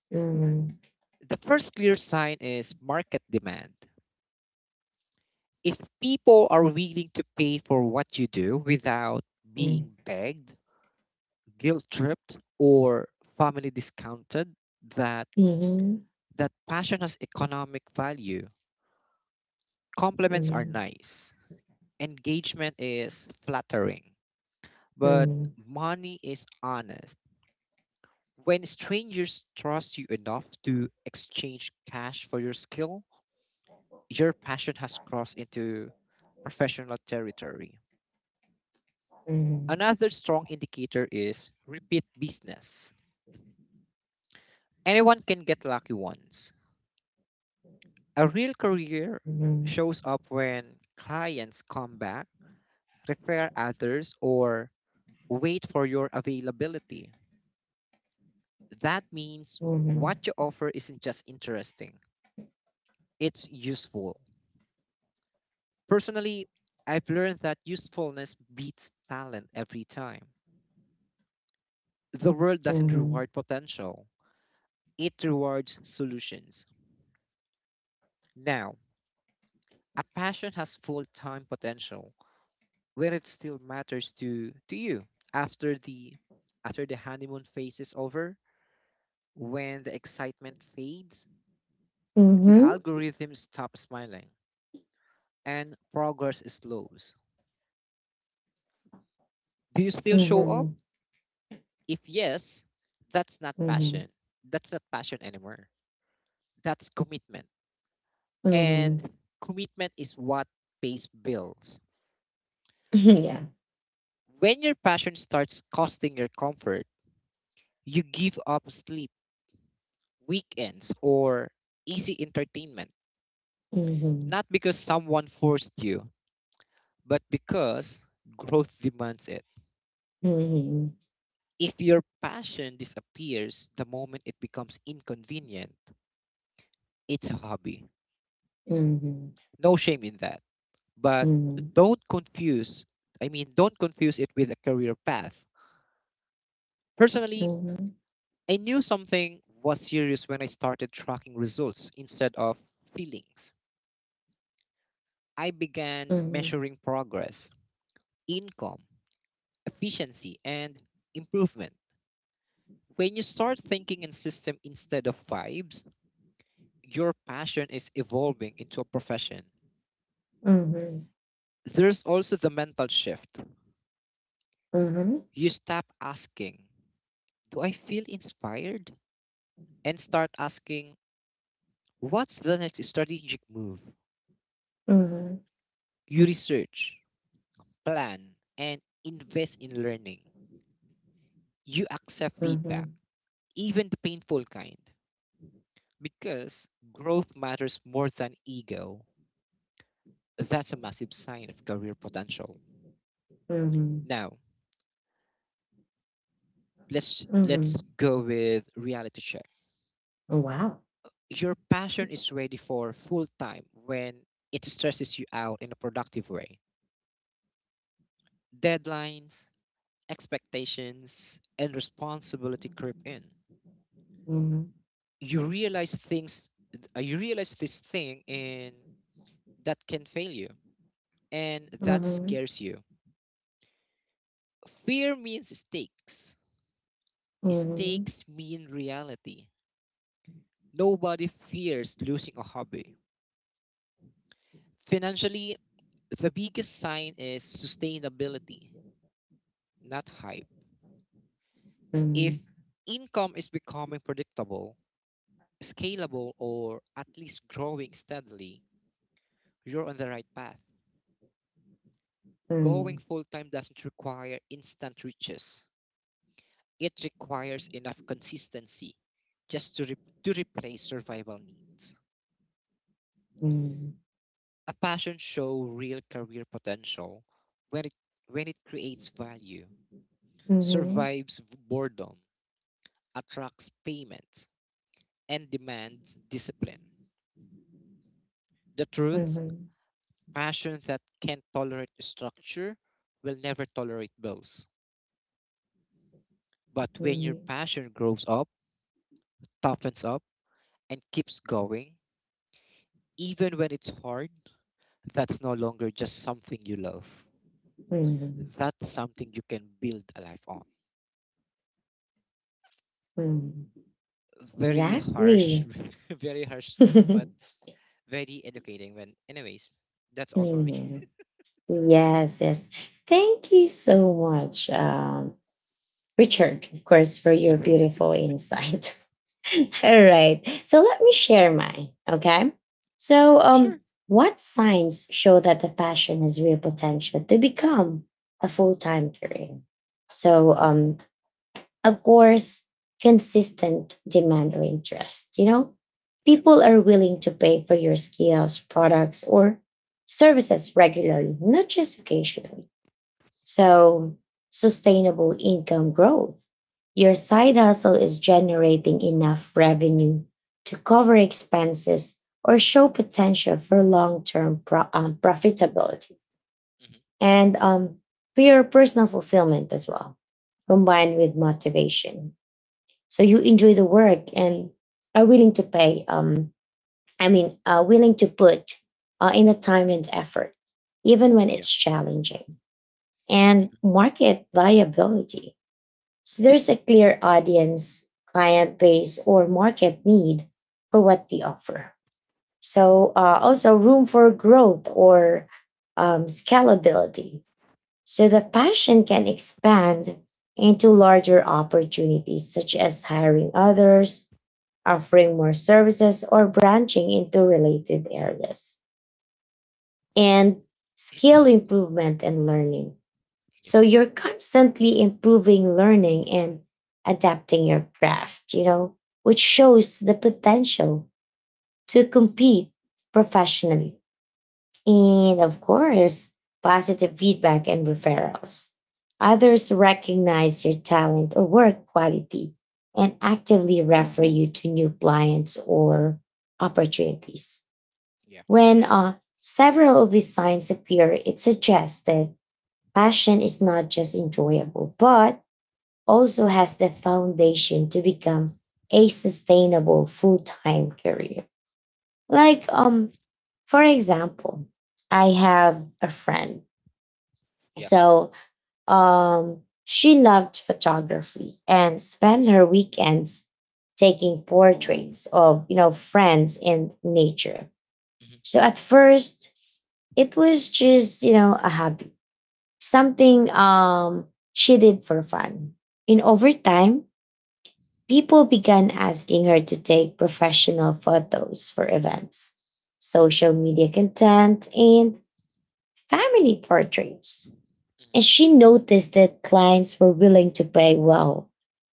Speaker 1: mm,
Speaker 2: The first clear sign is market demand. If people are willing to pay for what you do without
Speaker 1: mm,
Speaker 2: being begged, guilt tripped, or family discounted, that
Speaker 1: mhm,
Speaker 2: that passion has economic value. Compliments are
Speaker 1: mm,
Speaker 2: nice. Engagement is flattering. But
Speaker 1: mm.
Speaker 2: money is honest. When strangers trust you enough to exchange cash for your skill, your passion has crossed into professional territory.
Speaker 1: Mhm,
Speaker 2: Another strong indicator is repeat business. Anyone can get lucky once. A real career
Speaker 1: mhm,
Speaker 2: shows up when clients come back, refer others, or wait for your availability. That means
Speaker 1: mhm,
Speaker 2: what you offer isn't just interesting, it's useful. Personally, I've learned that usefulness beats talent every time. The world doesn't
Speaker 1: mhm,
Speaker 2: reward potential, it rewards solutions. Now, a passion has full time potential when it still matters to you after the honeymoon phase is over, when the excitement fades, the
Speaker 1: mhm,
Speaker 2: algorithm stops smiling and progress slows. Do you still show up?
Speaker 1: mhm,
Speaker 2: If yes, that's not
Speaker 1: mhm,
Speaker 2: passion. That's not passion anymore. That's commitment. And
Speaker 1: mhm.
Speaker 2: commitment is what pays bills.
Speaker 1: Yeah.
Speaker 2: When your passion starts costing your comfort, you give up sleep weekends, or easy entertainment.
Speaker 1: Mhm,
Speaker 2: Not because someone forced you, but because growth demands it.
Speaker 1: mhm, mhm,
Speaker 2: If your passion disappears the moment it becomes inconvenient, it's a hobby.
Speaker 1: mhm,
Speaker 2: No shame in that.
Speaker 1: mhm,
Speaker 2: But
Speaker 1: mhm,
Speaker 2: don't confuse, don't confuse it with a career path. Personally,
Speaker 1: mhm,
Speaker 2: I knew something was serious when I started tracking results instead of feelings. I began
Speaker 1: mhm,
Speaker 2: measuring progress, income, efficiency, and improvement. When you start thinking in system instead of vibes, your passion is evolving into a profession. There's also the mental shift.
Speaker 1: mhm,
Speaker 2: You stop asking, "Do I feel inspired?" and start asking, "What's the next strategic move?" You research, plan, and invest in learning. You accept
Speaker 1: mhm, mhm,
Speaker 2: feedback,
Speaker 1: mhm.
Speaker 2: even the painful kind, because growth matters more than ego. That's a massive sign of career potential. Now, let's go with reality check.
Speaker 1: Oh, wow.
Speaker 2: Your passion is ready for full time when it stresses you out in a productive way. Deadlines, expectations, and responsibility creep in.
Speaker 1: Mhm,
Speaker 2: You realize things you realize this thing and that can fail you and that
Speaker 1: mhm,
Speaker 2: scares you. Fear means stakes.
Speaker 1: mhm, mhm,
Speaker 2: Stakes mean reality. Nobody fears losing a hobby. Financially, the biggest sign is sustainability, not hype.
Speaker 1: mhm,
Speaker 2: If income is becoming predictable, scalable, or at least growing steadily, you're on the right path. Going
Speaker 1: mhm,
Speaker 2: full time doesn't require instant riches, it requires enough consistency just to, to replace survival needs.
Speaker 1: mhm,
Speaker 2: A passion show real career potential when it, when it creates value
Speaker 1: mhm,
Speaker 2: survives boredom, attracts payments, and demands discipline. The truth, passion that can't tolerate structure will never tolerate bills. But when your
Speaker 1: mhm,
Speaker 2: passion grows up, toughens up, and keeps going, even when it's hard, that's no longer just something you love.
Speaker 1: mhm,
Speaker 2: That's something you can build a life on.
Speaker 1: mhm.
Speaker 2: Very harsh,
Speaker 1: Exactly.
Speaker 2: very harsh, but very educating. When, anyways, that's all for me.
Speaker 1: Mhm. Yes, yes. Thank you so much, Richard, of course, for
Speaker 2: Yeah,
Speaker 1: your beautiful insight. All right. So let me share mine. Okay. So,
Speaker 2: sure.
Speaker 1: what signs show that the passion has real potential to become a full time career? So, of course, consistent demand or interest. You know,
Speaker 2: Yeah.
Speaker 1: people are willing to pay for your skills, products, or services regularly, not just occasionally. So, sustainable income growth. Your side hustle is generating enough revenue to cover expenses or show potential for long term profitability,
Speaker 2: Mhm.
Speaker 1: and for your personal fulfillment as well, combined with motivation. So, you enjoy the work and are willing to pay, I mean, willing to put in the time and effort, even when
Speaker 2: Yeah.
Speaker 1: it's challenging, and
Speaker 2: Mhm.
Speaker 1: market viability. So there's a clear audience, client base, or market need for what we offer. So also room for growth, or scalability. So the passion can expand into larger opportunities such as hiring others, offering more services, or branching into related areas. And skill improvement and learning.
Speaker 2: Yeah.
Speaker 1: So you're constantly improving, learning, and adapting your craft, which shows the potential to compete professionally. And of course, positive feedback and referrals. Others recognize your talent or work quality and actively refer you to new clients or opportunities.
Speaker 2: Yeah.
Speaker 1: When several of these signs appear, it suggests that passion is not just enjoyable, but also has the foundation to become a sustainable full-time career. Like for example, I have a friend.
Speaker 2: Yeah.
Speaker 1: So she loved photography and spent
Speaker 2: Mhm.
Speaker 1: her weekends taking portraits of, friends in nature.
Speaker 2: Mhm.
Speaker 1: So at first, it was just, a hobby, something she did for fun. And over time, people began asking her to take professional photos for events, social media content, and family portraits.
Speaker 2: Mhm.
Speaker 1: And she noticed that clients were willing to pay well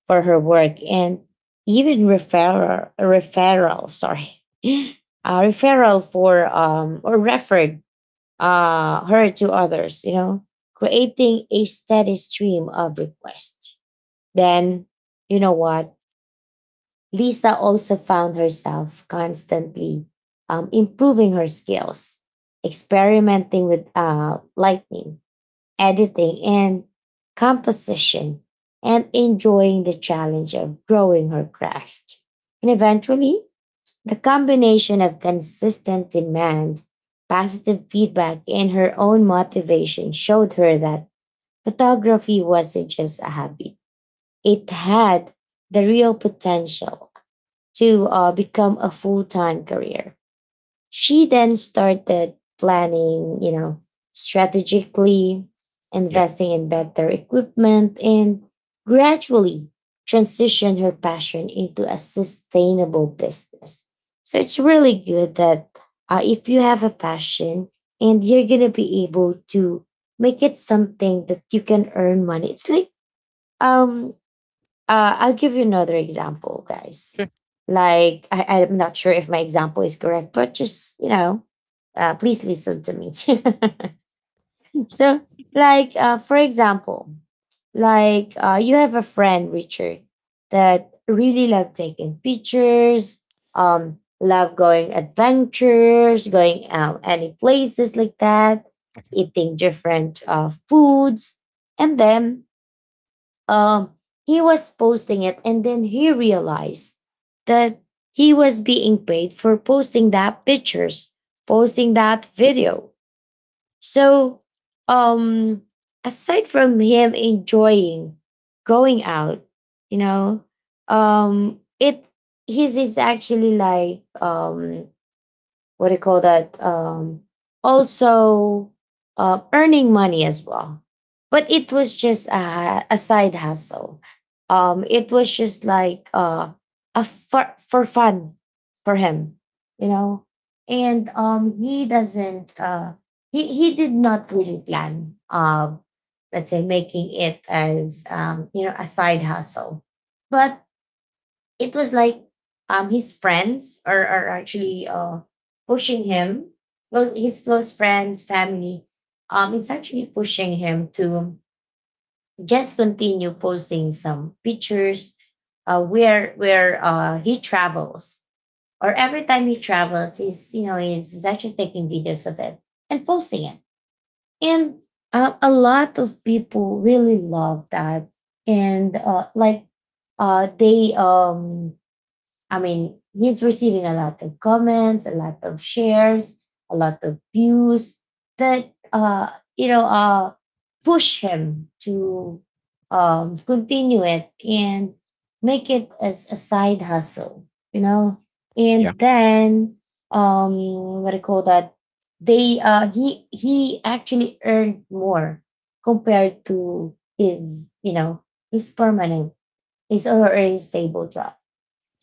Speaker 1: for her work, and even referral sorry,
Speaker 2: Yeah.
Speaker 1: referral for or referred her to others, creating a steady stream of requests. Then, you know what? Lisa also found herself constantly improving her skills, experimenting with lighting, editing, and composition, and enjoying the challenge of growing her craft. And eventually, the combination of consistent demand, positive feedback, and her own motivation showed her that photography wasn't just a hobby, it had the real potential to become a full-time career. She then started planning, strategically,
Speaker 2: Yeah.
Speaker 1: investing in better equipment, and gradually transition her passion into a sustainable business. So it's really good that if you have a passion and you're gonna be able to make it something that you can earn money. It's like um I'll give you another example, guys.
Speaker 2: Sure.
Speaker 1: Like, I'm not sure if my example is correct, but just, please listen to me. So, like, for example, like you have a friend, Richard, that really love taking pictures, love going adventures, going any places like that,
Speaker 2: Okay.
Speaker 1: eating different foods. And then um he was posting it, and then he realized that he was being paid for posting that pictures, posting that video. So um aside from him enjoying going out, you know it, his is actually like, what do you call that? Also, earning money as well. But it was just a side hustle. It was just like a for fun for him, you know. And he doesn't. He did not really plan. Let's say making it as a side hustle, but it was like his friends are actually pushing him, close, his close friends, family, is actually pushing him to just continue posting some pictures where he travels, or every time he travels, he's you know he's actually taking videos of it and posting it. And a lot of people really love that, and like they, I mean, he's receiving a lot of comments, a lot of shares, a lot of views that you know uh,
Speaker 2: Mm-mm.
Speaker 1: push him to continue it and make it as a side hustle, you know.
Speaker 2: Yeah.
Speaker 1: And then um, what do you call that? They he actually earned more compared to his, you know his permanent, his, or his stable job.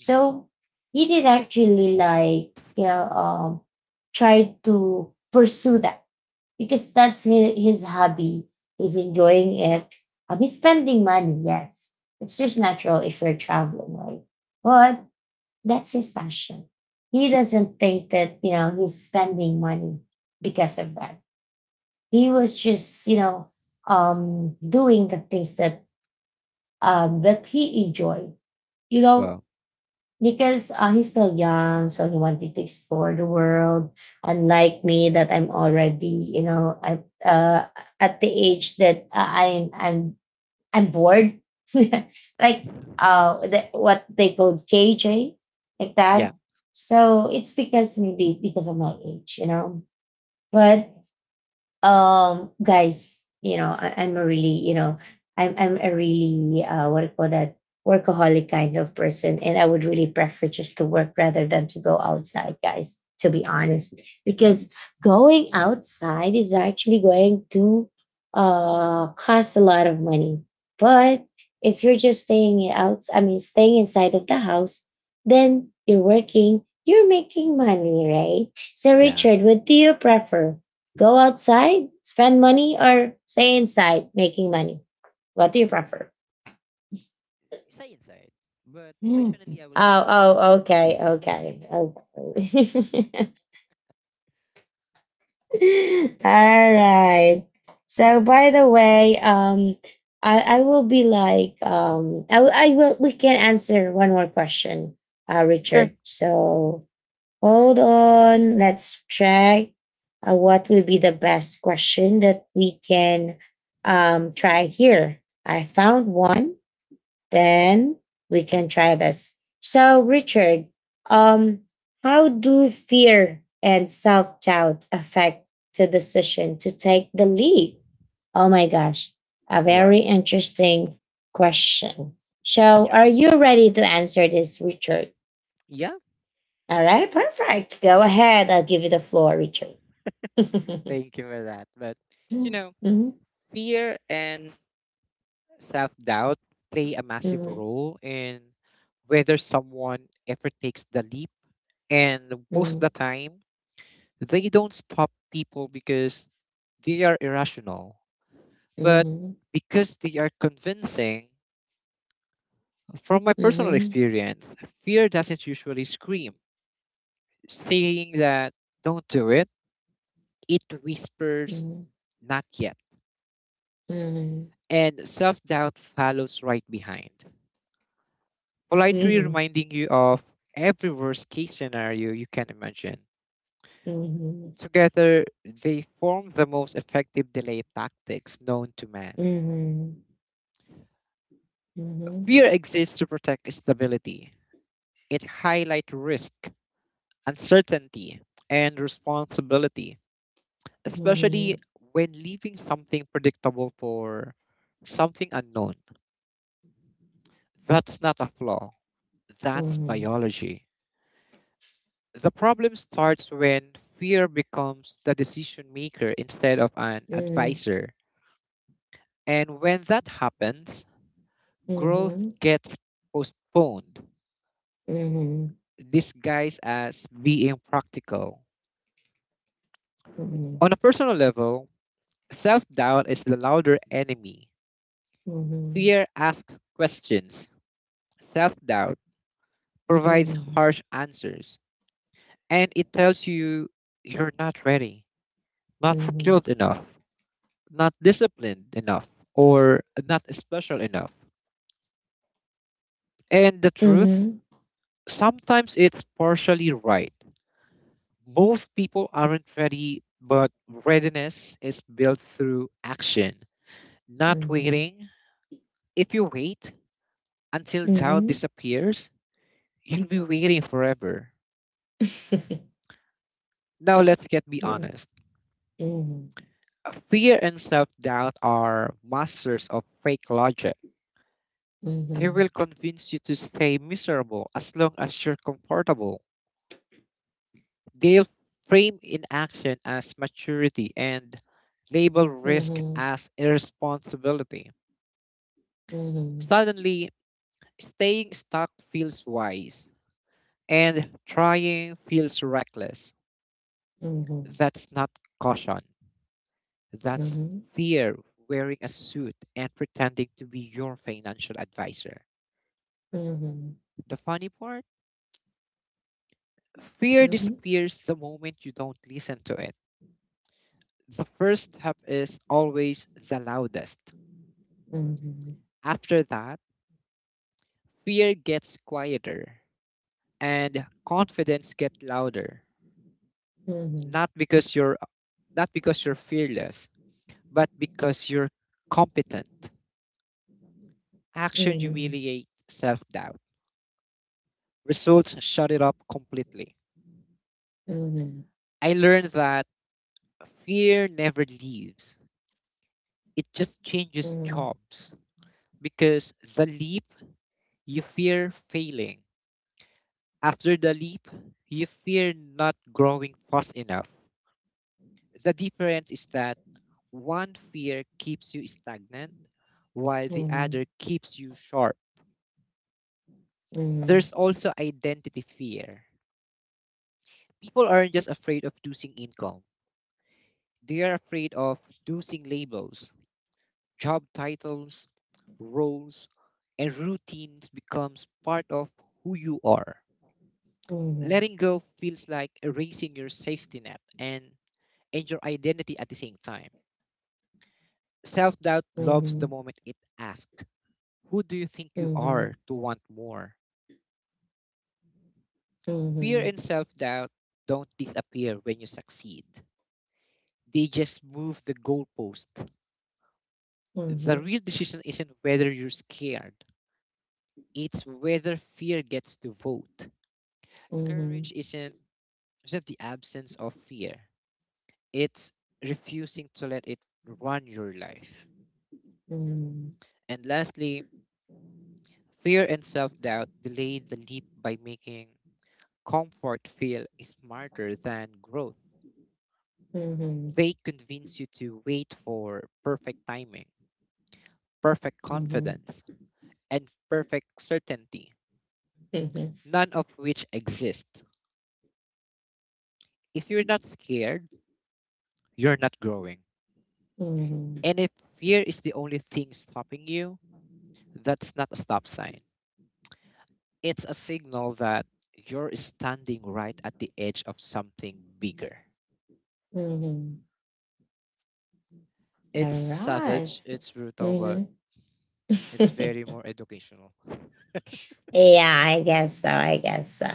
Speaker 2: Mhm.
Speaker 1: he did actually like, try to pursue that, because that's his hobby. He's enjoying it. He's spending money. Yes, it's just
Speaker 2: Yeah.
Speaker 1: natural if you're traveling, right? But that's his passion. He doesn't think that, he's spending money because of that. He was just, doing the things that he enjoyed. You know,
Speaker 2: Well.
Speaker 1: because he's still young, so he wanted to explore the world. Unlike me, that I'm already, at the age that I'm bored, like what they called KJ, like
Speaker 2: Yeah.
Speaker 1: that. So it's because maybe because of my age. But guys, I'm a really what do you call that, workaholic kind of person, and I would really prefer just to work rather than to go outside, guys, to be
Speaker 2: Yeah.
Speaker 1: honest. Because going outside is actually going to cost a lot of money. But if you're just staying out, I mean, staying inside of the house, then you're working, you're making money, right? So,
Speaker 2: Yeah.
Speaker 1: Richard, what do you prefer? Go outside, spend money, or stay inside making money? What do you prefer?
Speaker 2: Stay inside, but
Speaker 1: Mm.
Speaker 2: occasionally I will go
Speaker 1: Oh,
Speaker 2: outside.
Speaker 1: oh, okay, okay, okay. All right. So by the way, I will be like, I will we can answer one more question,
Speaker 2: Sure.
Speaker 1: Richard. So hold on. Let's try, what will be the best question that we can try here. I found one. Then we can try this. So, Richard, um, how do fear and self doubt affect the decision to take the leap? Oh my gosh, a very
Speaker 2: Well.
Speaker 1: interesting question. So,
Speaker 2: Yeah.
Speaker 1: are you ready to answer this, Richard?
Speaker 2: Yeah.
Speaker 1: All right, perfect. Go ahead. I'll give you the floor, Richard.
Speaker 2: Thank you for that. But you know,
Speaker 1: Mhm,
Speaker 2: fear and self-doubt play a massive
Speaker 1: mhm,
Speaker 2: role in whether someone ever takes the leap and most of
Speaker 1: mhm,
Speaker 2: the time they don't stop people because they are irrational. But
Speaker 1: mhm,
Speaker 2: because they are convincing, from my personal
Speaker 1: mhm,
Speaker 2: experience, fear doesn't usually scream, saying that don't do it. It whispers
Speaker 1: mhm,
Speaker 2: not yet,
Speaker 1: mhm, mhm,
Speaker 2: and self doubt follows right behind, politely
Speaker 1: mhm,
Speaker 2: reminding you of every worst case scenario you can imagine. Together, they form the most effective delay tactics known to man.
Speaker 1: mhm, mhm, mhm,
Speaker 2: Fear exists to protect stability. It highlights risk uncertainty, and responsibility, especially when leaving something predictable for something unknown. That's not a flaw, that's biology. The problem starts when fear becomes the decision maker instead of an advisor. And when that happens,
Speaker 1: mhm, mhm, mhm,
Speaker 2: growth
Speaker 1: mhm,
Speaker 2: gets postponed,
Speaker 1: mhm, mhm, mhm,
Speaker 2: disguised as being practical. On a personal level, self doubt is the louder enemy. Fear asks questions, self doubt provides harsh answers, and it tells you you're not ready, not skilled enough, not disciplined enough, or not special enough. And the
Speaker 1: mhm, mhm, mhm, mhm,
Speaker 2: truth,
Speaker 1: mhm.
Speaker 2: sometimes it's partially right. Most people aren't ready, but readiness is built through action, not waiting. If you wait until doubt disappears, you'll be waiting forever. Now let's get be honest.
Speaker 1: Mhm,
Speaker 2: Fear and self doubt are masters of fake logic. They
Speaker 1: mhm,
Speaker 2: will convince you to stay miserable as long as you're comfortable. They'll frame inaction as maturity and label risk as irresponsibility.
Speaker 1: mhm, mhm, mhm,
Speaker 2: Suddenly, staying stuck feels wise and trying feels reckless.
Speaker 1: mhm,
Speaker 2: That's not caution, that's
Speaker 1: mhm.
Speaker 2: fear wearing a suit and pretending to be your financial advisor.
Speaker 1: Mhm,
Speaker 2: The funny part? Fear
Speaker 1: mhm, mhm,
Speaker 2: disappears the moment you don't listen to it. The first step is always the loudest.
Speaker 1: mhm,
Speaker 2: After that, fear gets quieter and confidence gets louder.
Speaker 1: mhm,
Speaker 2: Not because you're not because you're fearless, but because you're competent. Action
Speaker 1: mhm,
Speaker 2: humiliates self-doubt. Results shut it up completely.
Speaker 1: mhm, mhm, mhm,
Speaker 2: I learned that fear never leaves. It just changes
Speaker 1: mhm,
Speaker 2: jobs because the leap. You fear failing. After the leap, you fear not growing fast enough. The difference is that one fear keeps you stagnant, while the
Speaker 1: mhm,
Speaker 2: other keeps you sharp.
Speaker 1: mhm,
Speaker 2: There's
Speaker 1: mhm,
Speaker 2: also identity fear. People aren't just afraid of losing income, they are afraid of losing labels, job titles, roles, and routines becomes part of who you are.
Speaker 1: mhm,
Speaker 2: Letting go feels like erasing your safety net, and your identity at the same time. Self doubt
Speaker 1: mhm,
Speaker 2: loves the
Speaker 1: mhm,
Speaker 2: moment it asks, "Who do you think you
Speaker 1: mhm,
Speaker 2: are to want more?" Fear and self doubt don't disappear when you succeed, they just move the goalpost. The real decision isn't whether you're scared, it's whether fear gets to vote. Courage isn't the absence of fear, it's refusing to let it run your life. And lastly, fear and self doubt delay the leap by making comfort feel smarter than growth.
Speaker 1: mhm,
Speaker 2: They convince you to wait for perfect timing, perfect
Speaker 1: mhm,
Speaker 2: confidence, and perfect certainty,
Speaker 1: mhm,
Speaker 2: none of which exist. If you're not scared, you're not growing. And if fear is the only thing stopping you, that's not a stop sign. It's a signal that you're standing right at the edge of something bigger.
Speaker 1: mhm.
Speaker 2: It's
Speaker 1: All right.
Speaker 2: savage, it's brutal, but
Speaker 1: Mhm.
Speaker 2: it's very more educational.
Speaker 1: Yeah, I guess so. I guess so.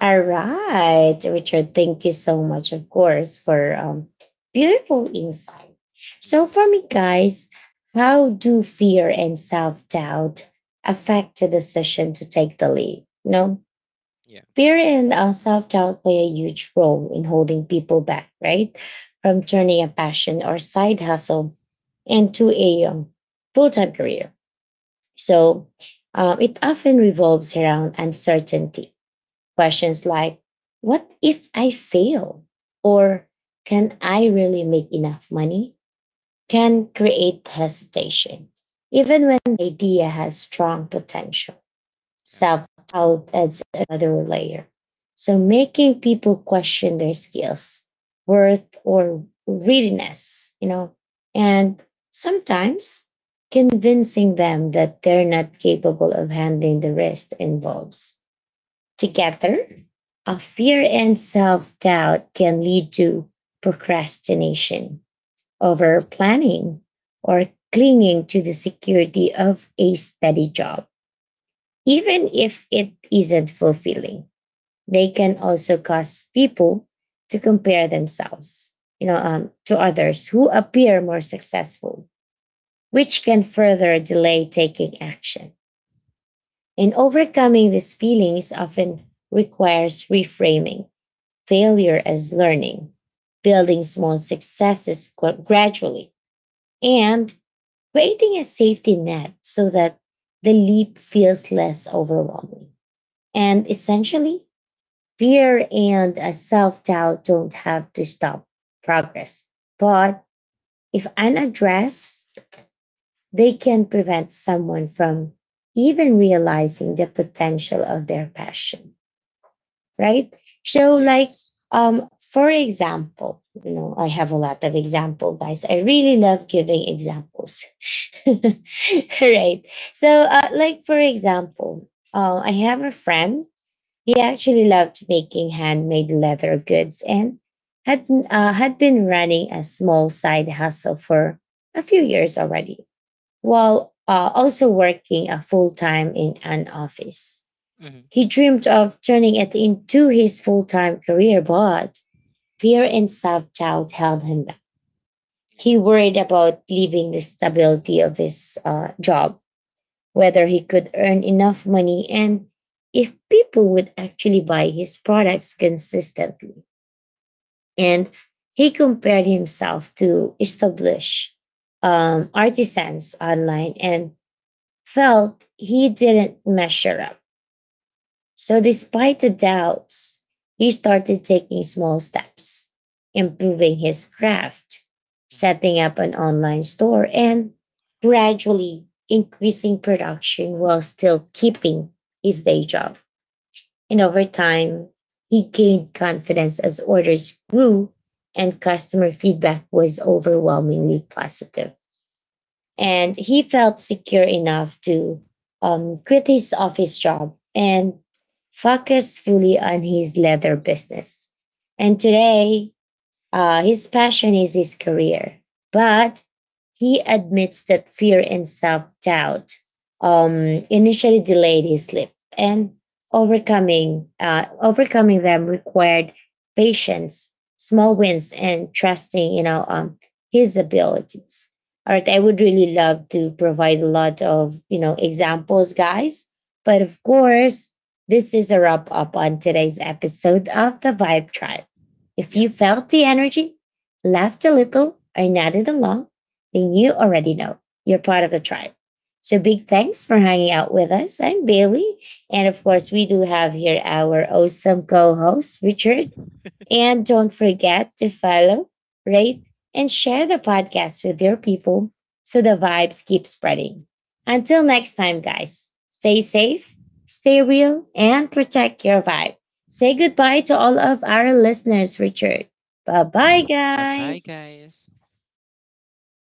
Speaker 1: All right, Richard, thank you so much, of course, for beautiful insight.
Speaker 2: Yeah,
Speaker 1: So, for me, guys, how do fear and self doubt affect the decision to take the leap? You know,
Speaker 2: yeah.
Speaker 1: fear and self doubt play a huge role in holding people back, right? From turning a passion or side hustle into a, full time career. So it often revolves around uncertainty.
Speaker 2: Hmm.
Speaker 1: Questions like, what if I fail? Or can I really make enough money? Can create hesitation, even when the idea has strong potential. Self doubt adds another layer. So making people question their skills, worth, or readiness, and sometimes convincing them that they're not capable of handling the risk involves. Together, a fear
Speaker 2: Hmm.
Speaker 1: and self doubt can lead to procrastination, over planning, or clinging to the security of a steady job. Even if it isn't fulfilling, they can also
Speaker 2: Yeah.
Speaker 1: cause people to compare themselves, to others who appear more successful, which can further delay taking action. And overcoming these feelings often requires reframing failure as learning,
Speaker 2: Yeah.
Speaker 1: building small successes gradually, and creating a safety net so that the leap feels less overwhelming. And essentially, fear and self doubt don't have to stop progress, but if unaddressed, they can prevent someone from even realizing the potential of their passion, right? So, like,
Speaker 2: Yes.
Speaker 1: for example, I have a lot of example, guys. I really love giving examples, right? So, like, for example, I have a friend. He actually loved making handmade leather goods, and had been running a small side hustle for a few years already, while also working a full time in an office.
Speaker 2: Hmm.
Speaker 1: He dreamed of turning it into his full time career, but fear and self doubt held him back.
Speaker 2: Yeah.
Speaker 1: He worried about leaving the stability of his job, whether he could earn enough money, and if people would actually buy his products consistently. And he compared himself to established, artisans online, and felt he didn't measure up. So, despite the doubts, he started taking small steps, improving his craft,
Speaker 2: Hmm.
Speaker 1: setting up an online store, and gradually increasing production while still keeping his day job. And over time, he gained confidence as orders grew and customer feedback was overwhelmingly positive,
Speaker 2: Hmm.
Speaker 1: and he felt secure enough to quit his office job and focus fully on his leather business. And today, his passion is his career, but he admits that fear and self doubt, initially delayed his sleep, and overcoming them required patience, small wins, and trusting, his abilities. All right, I would really love to provide a lot of, examples, guys, but of course, this is a wrap up on today's episode of the Vibe Tribe. If
Speaker 2: Yeah.
Speaker 1: you felt the energy, laughed a little, or nodded along, then you already know you're part of the tribe. So big thanks for hanging out with us. I'm Bailey. And of course, we do have here our awesome co-host, Richard. And don't forget to follow, rate, and share the podcast with your people so the vibes keep spreading. Until next time, guys, stay safe, stay real, and protect your vibe. Say goodbye to all of our listeners, Richard. Bye bye,
Speaker 2: Bye bye,
Speaker 1: guys.
Speaker 2: guys.